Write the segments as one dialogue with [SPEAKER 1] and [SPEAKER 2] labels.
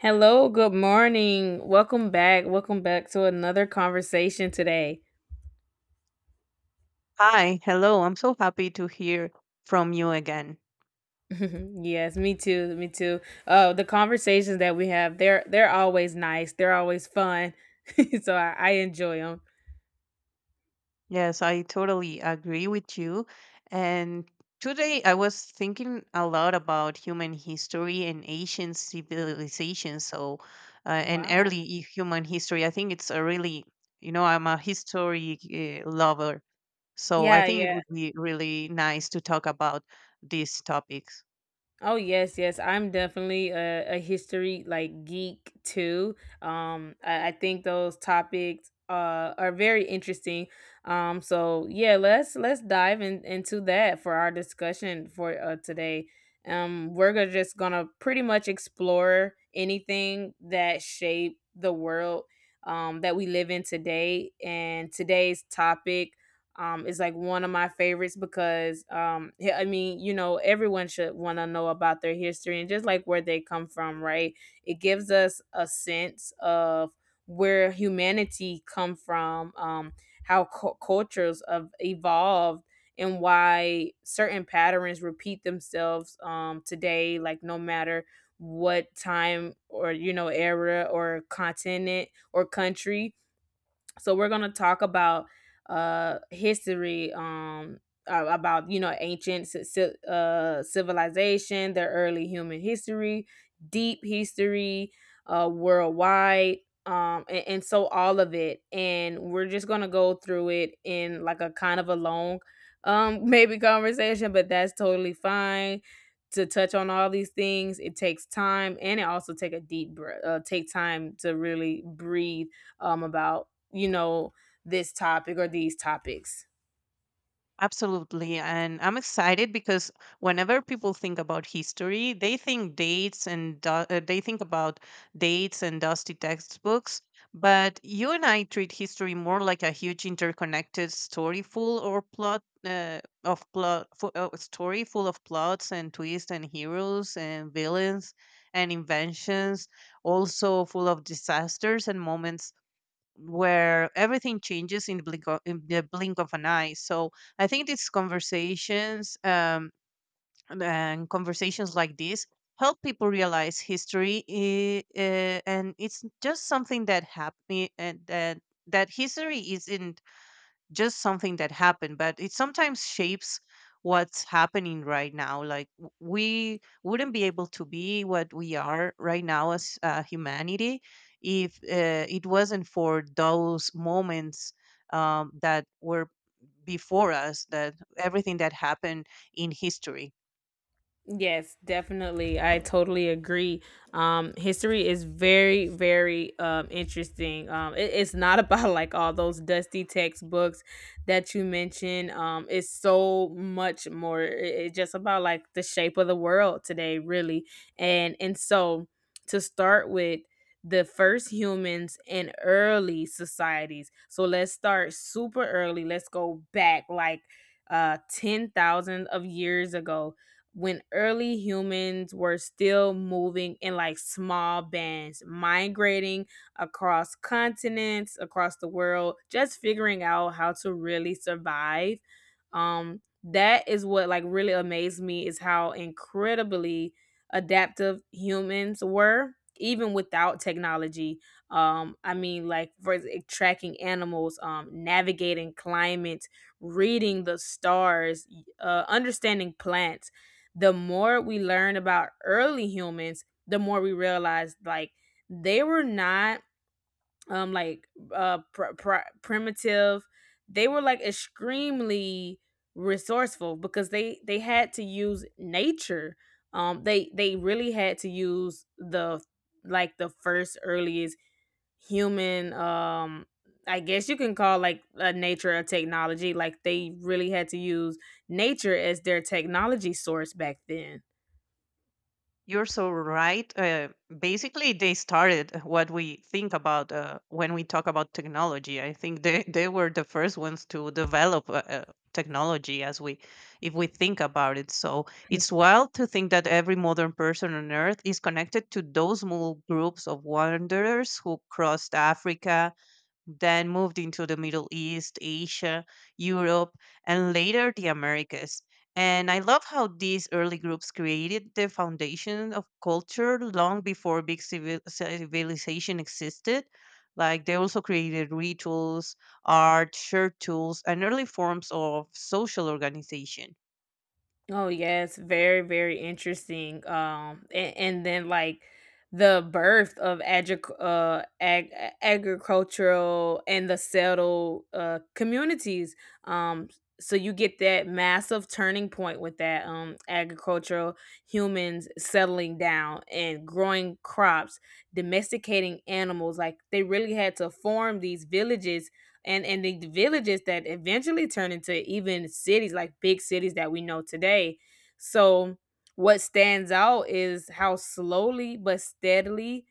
[SPEAKER 1] Hello, good morning. Welcome back. Welcome back to another conversation today.
[SPEAKER 2] Hi, hello. I'm so happy to hear from you again.
[SPEAKER 1] Yes, me too. Me too. The conversations that we have, they're always nice. They're always fun. So I enjoy them.
[SPEAKER 2] Yes, I totally agree with you. And today I was thinking a lot about human history and ancient civilization, so and
[SPEAKER 1] Wow.
[SPEAKER 2] early human history. I think it's a really, you know, I'm a history lover, so I
[SPEAKER 1] Yeah,
[SPEAKER 2] think it
[SPEAKER 1] yeah.
[SPEAKER 2] would be really nice to talk about these topics.
[SPEAKER 1] Oh yes, yes. I'm definitely a history like geek too. I think those topics are very interesting. So yeah, let's dive in, into that for our discussion for today. We're gonna just gonna pretty much explore anything that shape the world that we live in today, and today's topic is like one of my favorites because yeah, I mean, you know, everyone should want to know about their history and just like where they come from, right? It gives us a sense of where humanity come from, how cultures have evolved, and why certain patterns repeat themselves today. Like no matter what time or you know era or continent or country. So we're going to talk about history um, about you know ancient civilization, their early human history, deep history, uh, worldwide, and so all of it, and we're just going to go through it in like a kind of a long maybe conversation, but that's totally fine. To touch on all these things it takes time, and it also take a deep breath, take time to really breathe about you know, this topic or these topics.
[SPEAKER 2] Absolutely. And I'm excited because whenever people think about history, they think about dates and dusty textbooks. But you and I treat history more like a huge interconnected story full or plot of plot fu- story full of plots and twists and heroes and villains and inventions, also full of disasters and moments where everything changes in the blink of an eye. So I think these conversations and conversations like this help people realize history, and it's just something that happened, and that history is in just something that happened but it sometimes shapes what's happening right now, like we wouldn't be able to be what we are right now as humanity if it wasn't for those moments that were before us, that everything that happened in history.
[SPEAKER 1] Yes, definitely. I totally agree. History is very, very interesting. It's not about like all those dusty textbooks that you mentioned. It's so much more. It's just about like the shape of the world today, really. And so, to start with the first humans in early societies. So let's start super early. Let's go back like 10,000 of years ago, when early humans were still moving in like small bands, migrating across continents, across the world, just figuring out how to really survive. That is what like really amazed me is how incredibly adaptive humans were even without technology. Um, I mean like for tracking animals, um, navigating climate, reading the stars, uh, understanding plants. The more we learn about early humans, the more we realize like they were not like primitive. They were like extremely resourceful, because they had to use nature. Um, they really had to use the like the first earliest human um, I guess you can call like a nature a technology, like they really had to use nature as their technology source back then.
[SPEAKER 2] You're so right. Basically, they started what we think about when we talk about technology. I think they were the first ones to develop technology, if we think about it. So it's wild to think that every modern person on Earth is connected to those small groups of wanderers who crossed Africa, then moved into the Middle East, Asia, Europe, and later the Americas. And I love how these early groups created the foundation of culture long before big civilization existed. Like they also created rituals, art, shirt tools, and early forms of social organization.
[SPEAKER 1] Oh yes, very very interesting. And then like the birth of agricultural and the settled communities. Um, so you get that massive turning point with that agricultural, humans settling down and growing crops, domesticating animals. Like they really had to form these villages, and the villages that eventually turn into even cities, like big cities that we know today. So what stands out is how slowly but steadily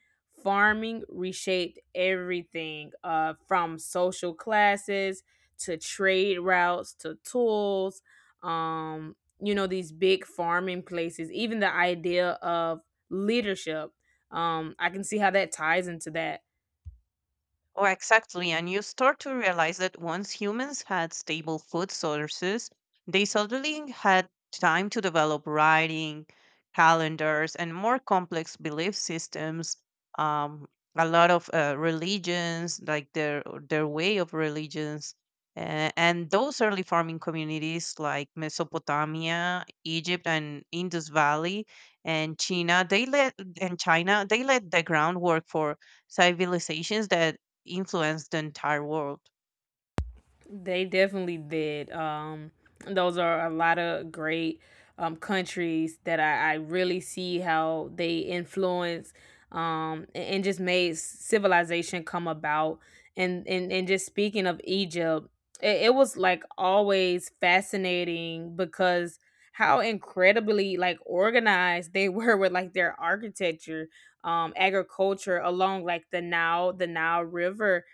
[SPEAKER 1] farming reshaped everything, from social classes to trade routes to tools, you know these big farming places, even the idea of leadership. Um, I can see how that ties into that.
[SPEAKER 2] Oh, exactly. And you start to realize that once humans had stable food sources, they suddenly had time to develop writing, calendars, and more complex belief systems. Um, a lot of religions, like their way of religions, and those early farming communities like Mesopotamia, Egypt, and Indus Valley, and China, they laid the groundwork for civilizations that influenced the entire world.
[SPEAKER 1] They definitely did. Those are a lot of great countries that I really see how they influence and just made civilization come about. And just speaking of Egypt, it was like always fascinating because how incredibly like organized they were with like their architecture, um, agriculture along like the Nile River,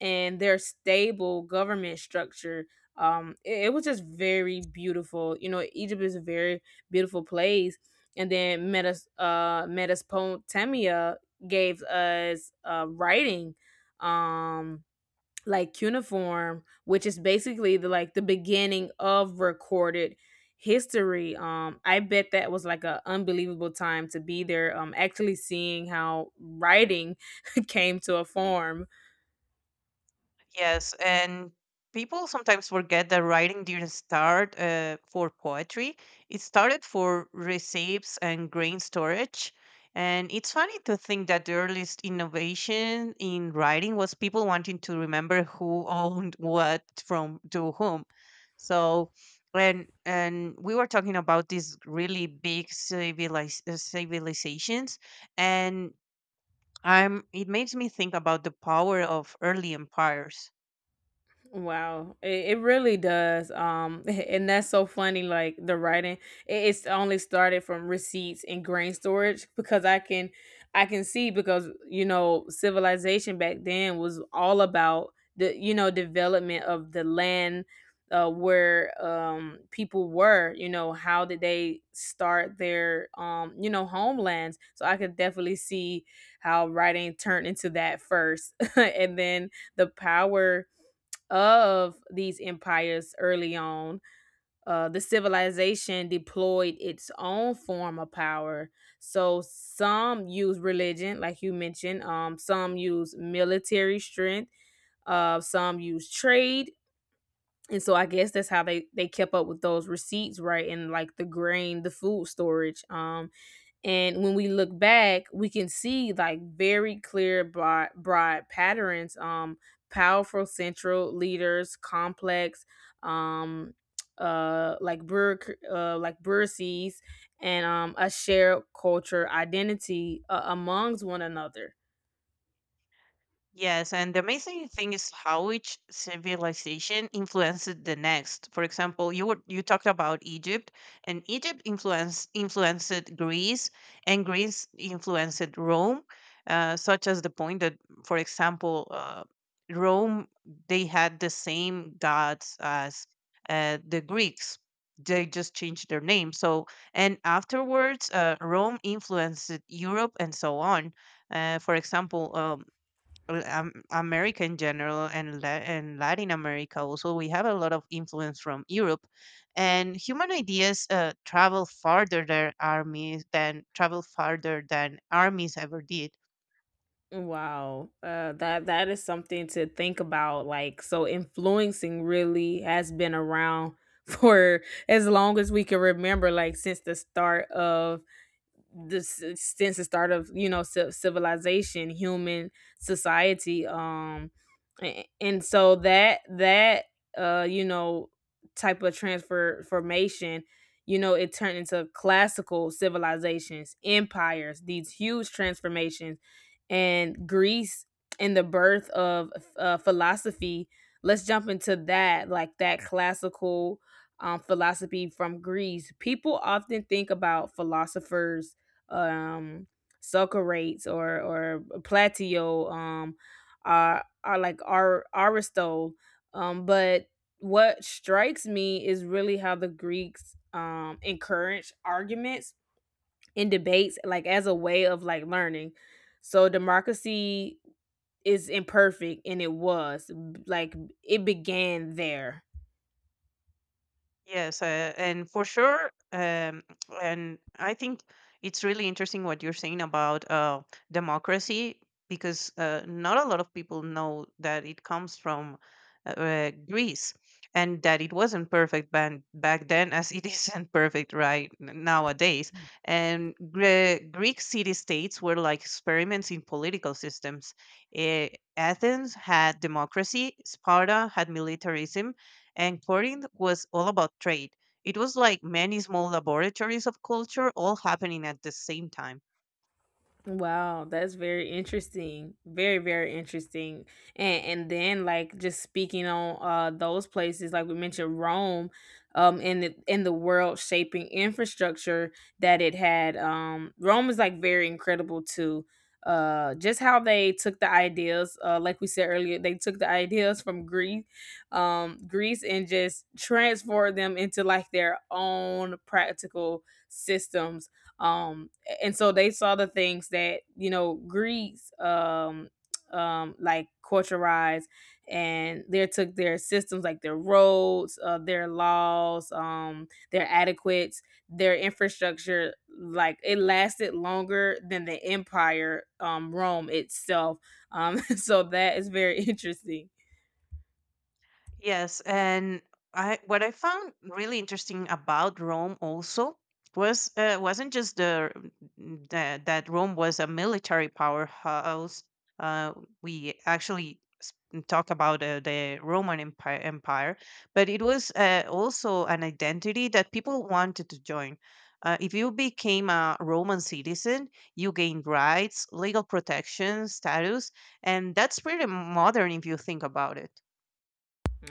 [SPEAKER 1] and their stable government structure. It was just very beautiful. You know, Egypt is a very beautiful place. And then Metas Mesopotamia gave us writing, um, like cuneiform, which is basically the like the beginning of recorded history. I bet that was like a unbelievable time to be there. Actually seeing how writing came to a form.
[SPEAKER 2] Yes, and people sometimes forget that writing didn't start for poetry. It started for recipes and grain storage. And it's funny to think that the earliest innovation in writing was people wanting to remember who owned what from to whom. So, and we were talking about these really big civilizations, and it makes me think about the power of early empires.
[SPEAKER 1] Wow, it really does. And that's so funny. Like the writing, it's only started from receipts and grain storage, because I can see because you know civilization back then was all about the you know development of the land, where people were. You know how did they start their you know homelands? So I could definitely see how writing turned into that first, and then the power of these empires early on, the civilization deployed its own form of power. So some use religion, like you mentioned, some use military strength, some use trade. And so I guess that's how they kept up with those receipts, right? And like the grain, the food storage. And when we look back, we can see like very clear, broad patterns. Powerful central leaders, complex, um, like like bureaucracies, and a shared culture identity amongst one another.
[SPEAKER 2] Yes, and the amazing thing is how each civilization influenced the next. For example, you talked about Egypt, and Egypt influenced Greece, and Greece influenced Rome, such as the point that, for example, Rome, they had the same gods as the Greeks. They just changed their name. So, and afterwards, Rome influenced Europe and so on. For example, well, America in general and Latin America also, we have a lot of influence from Europe, and human ideas travel farther than armies ever did.
[SPEAKER 1] Wow, that is something to think about. Like, so influencing really has been around for as long as we can remember, like since the start of this since the start of you know civilization, human society um, and so that you know type of transfer formation, you know it turned into classical civilizations, empires, these huge transformations, and Greece, and the birth of philosophy. Let's jump into that, like that classical philosophy from Greece. People often think about philosophers um Socrates or Plato, um, are like Aristotle. Um, but what strikes me is really how the Greeks encourage arguments and debates like as a way of like learning. So democracy is imperfect, and it was like it began there.
[SPEAKER 2] Yes, and for sure, and I think it's really interesting what you're saying about democracy because not a lot of people know that it comes from Greece and that it wasn't perfect back then as it isn't perfect right nowadays. And Greek city-states were like experiments in political systems. Eh, Athens had democracy, Sparta had militarism, and Corinth was all about trade. It was like many small laboratories of culture all happening at the same time.
[SPEAKER 1] Wow, that's very interesting. Very, very interesting. And then like just speaking on those places, like we mentioned Rome, and the in the world shaping infrastructure that it had. Um, Rome is like very incredible too. Uh, just how they took the ideas, uh, like we said earlier, they took the ideas from Greece, and just transformed them into like their own practical systems. Um, and so they saw the things that you know Greece, like culturized, and they took their systems, like their roads, their laws, their adequates, their infrastructure. Like it lasted longer than the empire, Rome itself. So that is very interesting.
[SPEAKER 2] Yes, and I what I found really interesting about Rome also was wasn't just the that Rome was a military powerhouse. Uh, we actually talk about the Roman Empire, but it was also an identity that people wanted to join. If you became a Roman citizen, you gained rights, legal protection, status, and that's pretty modern if you think about it.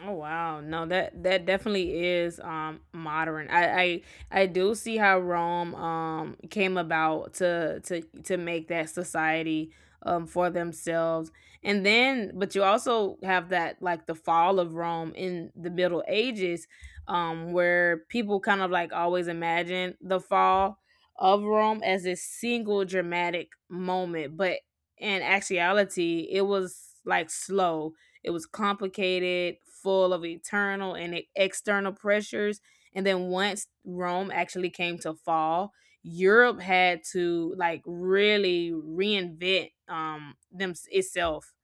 [SPEAKER 1] Oh wow. No, that that definitely is modern. I do see how Rome came about to make that society for themselves. And then but you also have that like the fall of Rome in the Middle Ages, um, where people kind of like always imagine the fall of Rome as this single dramatic moment, but in actuality it was like slow, it was complicated, full of internal and external pressures. And then once Rome actually came to fall, Europe had to like really reinvent them itself.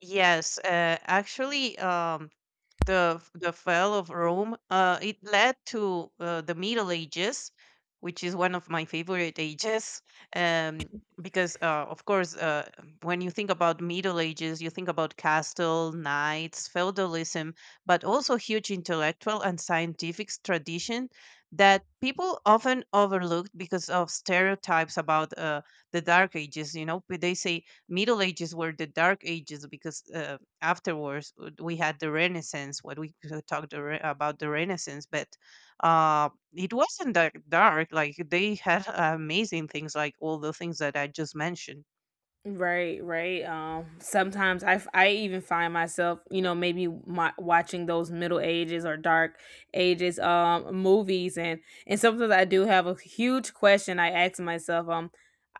[SPEAKER 2] Yes, actually, the fall of Rome, it led to the Middle Ages, which is one of my favorite ages. Um, because of course, when you think about Middle Ages, you think about castle, knights, feudalism, but also huge intellectual and scientific tradition that people often overlooked because of stereotypes about the Dark Ages. You know, they say Middle Ages were the Dark Ages because afterwards we had the Renaissance. What we could talk about the Renaissance, but it wasn't that dark. Like they had amazing things, like all the things that I just mentioned.
[SPEAKER 1] Right, right. Sometimes I, I even find myself, you know, maybe my, watching those middle ages or dark ages movies, and sometimes I do have a huge question I ask myself um,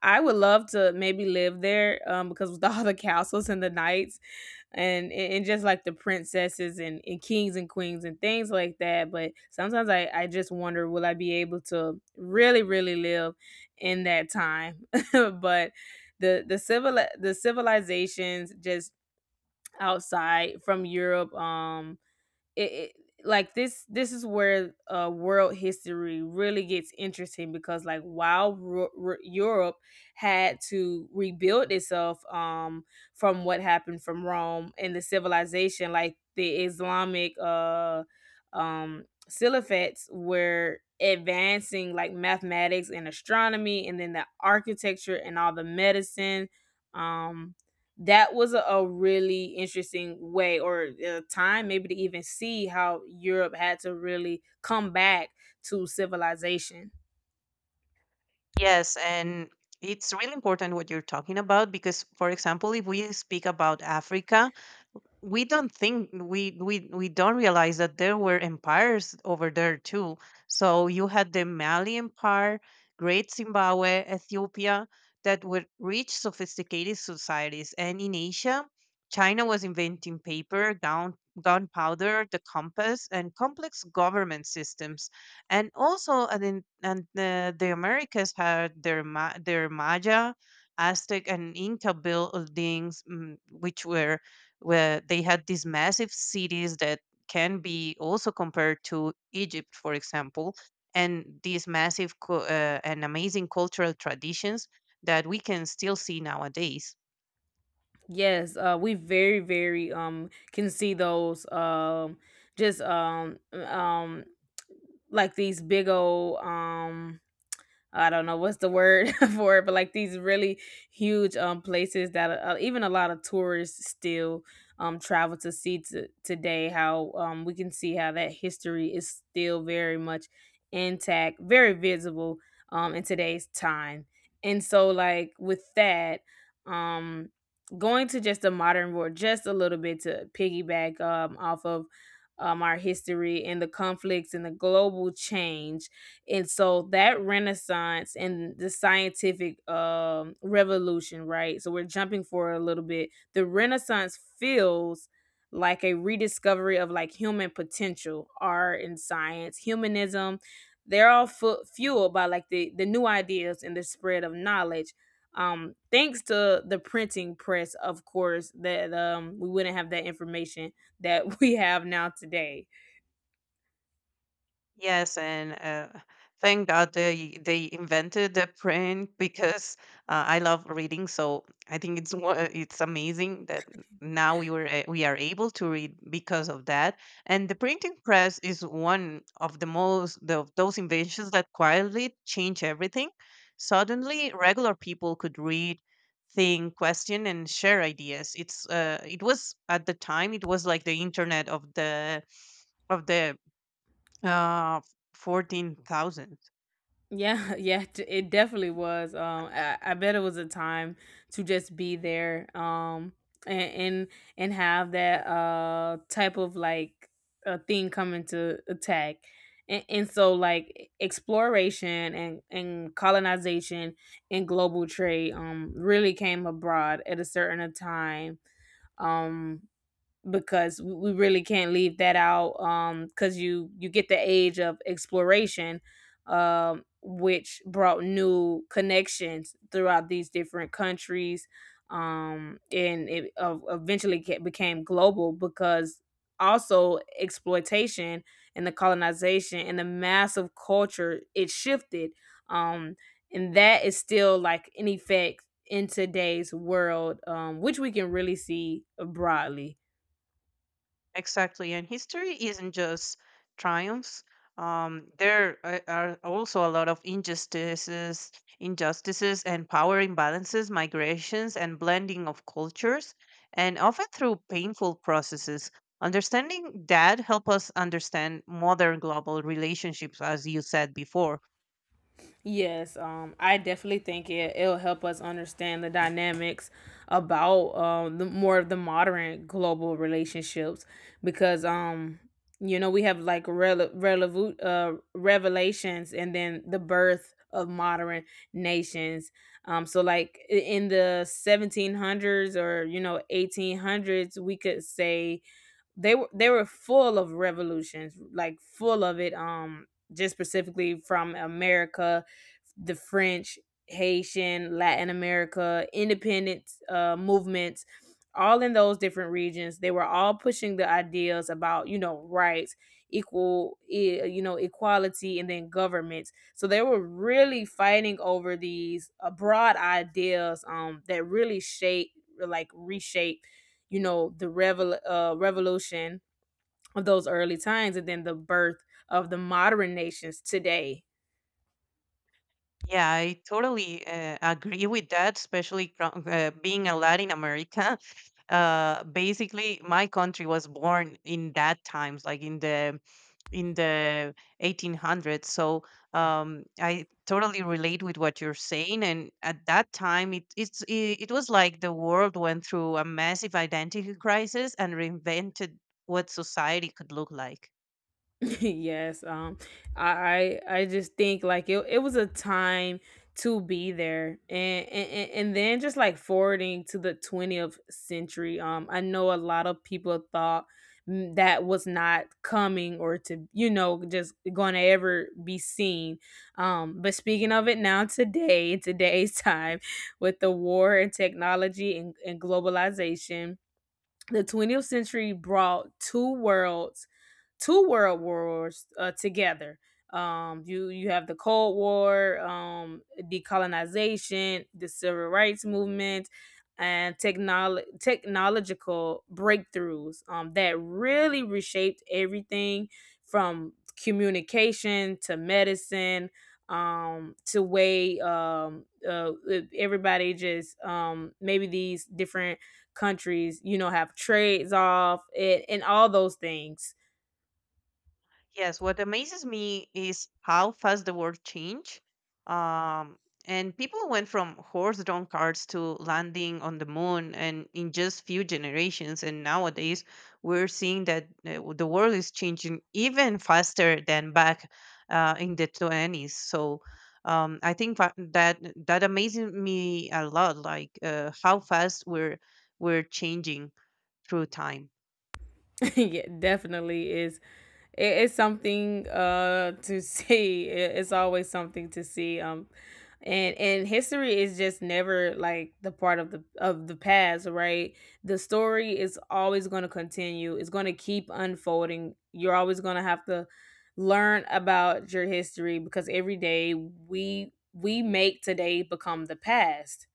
[SPEAKER 1] I would love to maybe live there because with all the castles and the knights and just like the princesses, and kings and queens and things like that. But sometimes I just wonder will I be able to really, really live in that time? But the civilizations just outside from Europe, it, it like this is where world history really gets interesting, because like while Europe had to rebuild itself from what happened from Rome and the civilization, like the Islamic silifates were advancing like mathematics and astronomy, and then the architecture and all the medicine um. That was a really interesting way or time maybe to even see how Europe had to really come back to civilization.
[SPEAKER 2] Yes, and it's really important what you're talking about because, for example, if we speak about Africa, we don't think we don't realize that there were empires over there too. So you had the Mali Empire, Great Zimbabwe, Ethiopia, that were rich, sophisticated societies. And in Asia, China was inventing paper, down gunpowder, the compass, and complex government systems. And also, and, in, and the Americas had their Maya, Aztec, and Inca buildings, which were where they had these massive cities that can be also compared to Egypt, for example, and these massive and amazing cultural traditions that we can still see nowadays.
[SPEAKER 1] Yes, we very very can see those just like these big old um, I don't know what's the word for it, but like these really huge places that even a lot of tourists still travel to see to, today. How we can see how that history is still very much intact, very visible in today's time. And so like with that, um going to just the modern world just a little bit to piggyback off of our history and the conflicts and the global change. And so that Renaissance and the scientific revolution, right? So we're jumping forward a little bit. The Renaissance feels like a rediscovery of like human potential, art and science, humanism. They're all fueled by like the new ideas and the spread of knowledge, thanks to the printing press, of course, that we wouldn't have that information that we have now today.
[SPEAKER 2] Yes, and thank God they invented the print because I love reading. So I think it's amazing that now we are able to read because of that. And the printing press is one of those inventions that quietly change everything. Suddenly, regular people could read, think, question, and share ideas. It was at the time it was like the internet of the uh, 14,000.
[SPEAKER 1] Yeah, yeah, it definitely was. I bet it was a time to just be there, and and, and have that type of like a thing coming to attack, and so like exploration and colonization and global trade really came abroad at a certain time. Um, because we really can't leave that out, because you get the age of exploration, which brought new connections throughout these different countries, and it eventually became global because also exploitation and the colonization and the massive culture it shifted, um and that is still like an effect in today's world, which we can really see, broadly.
[SPEAKER 2] Exactly. And history isn't just triumphs. There are also a lot of injustices and power imbalances, migrations, and blending of cultures, and often through painful processes. Understanding that help us understand modern global relationships, as you said before.
[SPEAKER 1] Yes, I definitely think it'll help us understand the dynamics about the more of the modern global relationships because you know we have like revelations and then the birth of modern nations. So like in the 1700s or you know 1800s, we could say they were full of revolutions, like full of it. Just specifically from America, the French, Haitian, Latin America, independence movements, all in those different regions. They were all pushing the ideas about, you know, rights, equal, you know, equality, and then governments. So they were really fighting over these broad ideas, that really shape, like reshape, you know, the revolution of those early times and then the birth of the modern nations today.
[SPEAKER 2] Yeah, I totally agree with that, especially from being a Latin America. Basically, my country was born in that times, like in the 1800s. So I totally relate with what you're saying. And at that time, it was like the world went through a massive identity crisis and reinvented what society could look like.
[SPEAKER 1] Yes, I just think like it was a time to be there, and then just like forwarding to the 20th century. I know a lot of people thought, that was not coming or to you know just going to ever be seen, but speaking of it now today, in today's time with the war and technology and, globalization, the 20th century brought two world wars together. You have the Cold War, decolonization, the civil rights movement, and technological breakthroughs, that really reshaped everything from communication to medicine, to way everybody just maybe these different countries you know have trades off it and all those things.
[SPEAKER 2] Yes, what amazes me is how fast the world changed. Um, and people went from horse-drawn carts to landing on the moon, and in just few generations. And nowadays, we're seeing that the world is changing even faster than back in the 20s. So I think that amazes me a lot, like how fast we're changing through time.
[SPEAKER 1] Yeah, definitely is. It's something to see. It's always something to see. And history is just never like the part of the past, right? The story is always going to continue. It's going to keep unfolding. You're always going to have to learn about your history because every day we make today become the past.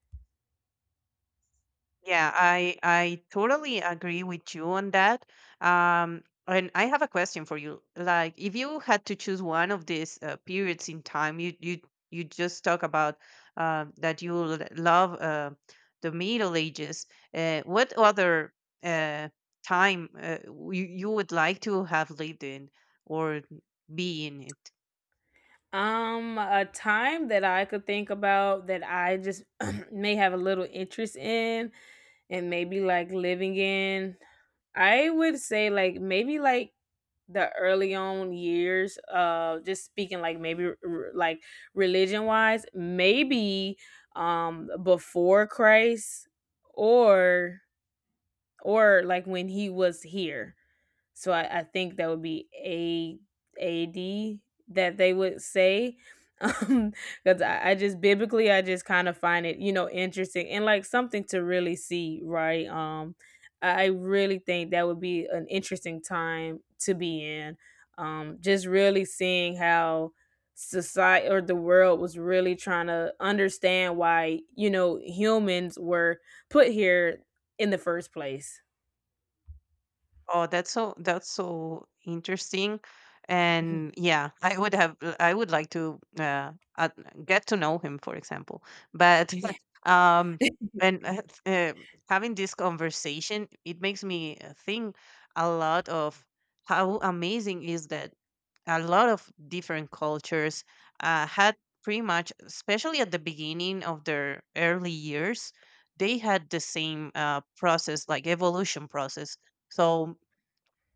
[SPEAKER 2] Yeah, I totally agree with you on that. And I have a question for you. Like, if you had to choose one of these periods in time, you just talk about that you love the Middle Ages. What other uh, time you would like to have lived in or be in?
[SPEAKER 1] A time that I could think about that I just may have a little interest in, and maybe like living in. I would say like maybe like the early on years, just speaking like maybe like religion wise, maybe before Christ, or like when he was here. So I think that would be a AD that they would say. Um, because I just biblically I just kind of find it, you know, interesting and like something to really see, right? I really think that would be an interesting time to be in. Just really seeing how society or the world was really trying to understand why, you know, humans were put here in the first place.
[SPEAKER 2] Oh, that's so interesting.
[SPEAKER 1] Mhm.
[SPEAKER 2] And yeah, I would like to get to know him, for example. But
[SPEAKER 1] Yeah.
[SPEAKER 2] um, and having this conversation, it makes me think a lot of how amazing is that a lot of different cultures had pretty much, especially at the beginning of their early years, they had the same process, like evolution process. So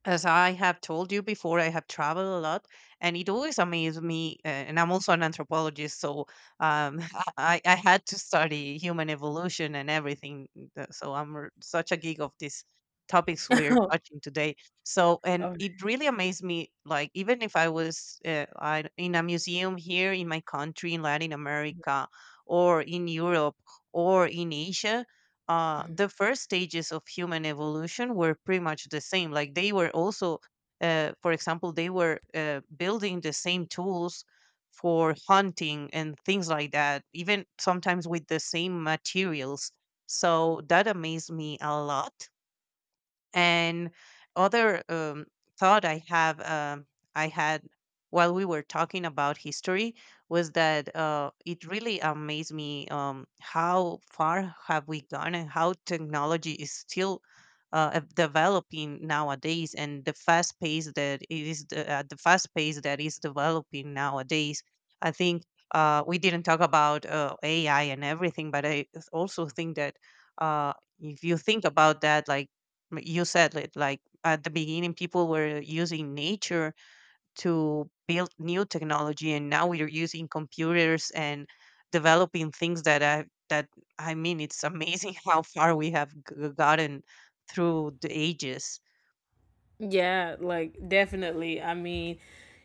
[SPEAKER 2] as I have told you before, I have traveled a lot, and it always amazed me. And I'm also an anthropologist, so um, I had to study human evolution and everything. So I'm such a geek of these topics we're
[SPEAKER 1] Oh,
[SPEAKER 2] touching today. So, and
[SPEAKER 1] oh.
[SPEAKER 2] it really amazed me. Like, even if I was in a museum here in my country, in Latin America, or in Europe, or in Asia,
[SPEAKER 1] Mm-hmm.
[SPEAKER 2] the first stages of human evolution were pretty much the same. Like they were also, for example, they were building the same tools for hunting and things like that, even sometimes with the same materials. So that amazed me a lot. And other thought I had while we were talking about history was that it really amazed me how far have we gone and how technology is still developing nowadays and the fast pace that it is the fast pace that is developing nowadays. I think we didn't talk about AI and everything, but I also think that uh, if you think about that, like you said it like at the beginning people were using nature to build new technology and now we're using computers and developing things that I mean it's amazing how far we have gotten through the ages.
[SPEAKER 1] Yeah, like definitely. I mean,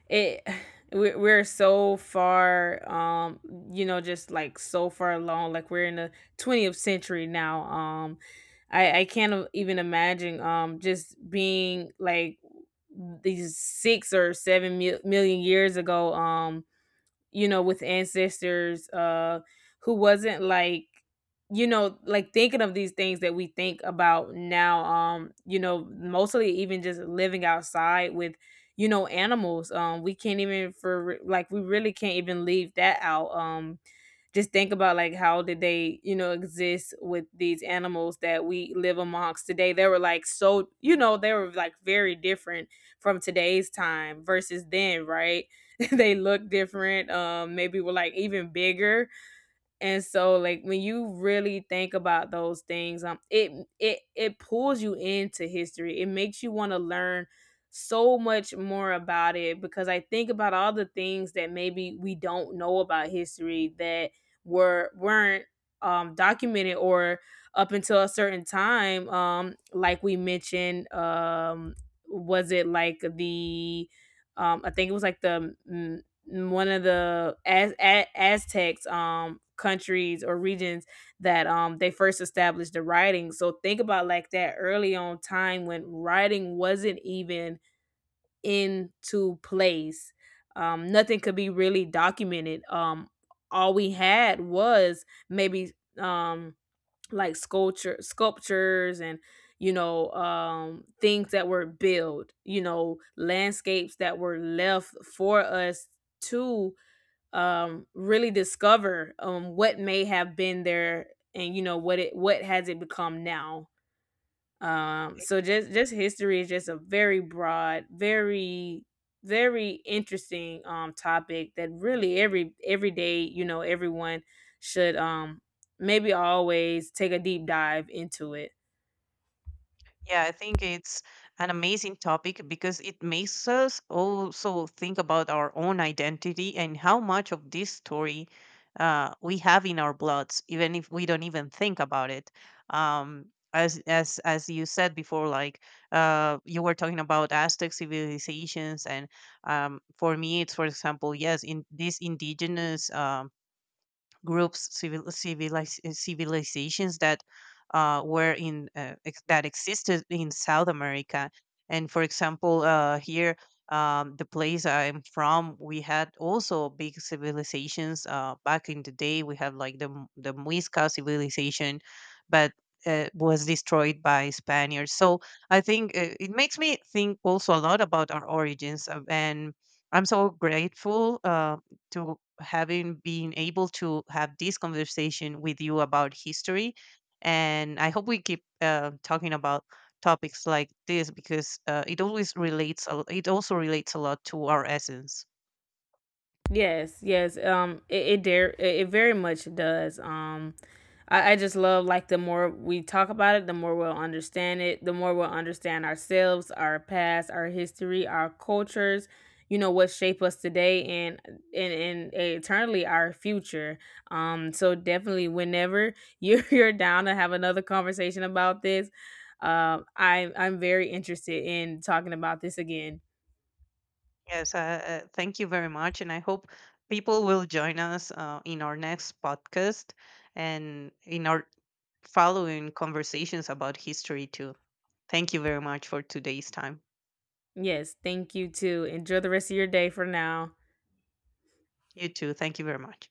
[SPEAKER 1] it we're so far, you know, just like so far along, like we're in the 20th century now. I can't even imagine just being like these 6 or seven million years ago, you know, with ancestors, who wasn't like, you know, like thinking of these things that we think about now. You know, mostly even just living outside with, you know, animals. We can't even for like we really can't even leave that out. Just think about like how did they, you know, exist with these animals that we live amongst today. They were like very different from today's time versus then, right? They look different, maybe were like even bigger. And so like when you really think about those things, it pulls you into history. It makes you want to learn so much more about it because I think about all the things that maybe we don't know about history that weren't documented or up until a certain time, like we mentioned, was it like the, I think it was like the, one of the Aztecs, countries or regions that they first established the writing. So think about like that early on time when writing wasn't even into place. Nothing could be really documented. All we had was maybe um like sculptures and, you know, things that were built, you know, landscapes that were left for us to, really discover, what may have been there, and you know what has it become now. So just history is just a very broad, very interesting, topic that really every day you know everyone should, maybe always take a deep dive into it.
[SPEAKER 2] Yeah, I think it's an amazing topic because it makes us also think about our own identity and how much of this story we have in our bloods, even if we don't even think about it. Um, as you said before, like you were talking about Aztec civilizations, and for me, it's for example, yes, in these indigenous groups, civilizations that existed in South America. And for example, here, the place I'm from, we had also big civilizations back in the day. We had like the Muisca civilization, but was destroyed by Spaniards. So I think it makes me think also a lot about our origins, and I'm so grateful. To having been able to have this conversation with you about history. And I hope we keep talking about topics like this because it always relates, it also relates a lot to our essence.
[SPEAKER 1] Yes, yes. It it, dare, it very much does. I just love like the more we talk about it, the more we'll understand it, the more we'll understand ourselves, our past, our history, our cultures. You know what shape us today, and eternally our future. So definitely, whenever you're you're down to have another conversation about this, I'm very interested in talking about this again.
[SPEAKER 2] Yes, thank you very much. And I hope people will join us in our next podcast and in our following conversations about history too. Thank you very much for today's time.
[SPEAKER 1] Yes, thank you too. Enjoy the rest of your day for now.
[SPEAKER 2] You too. Thank you very much.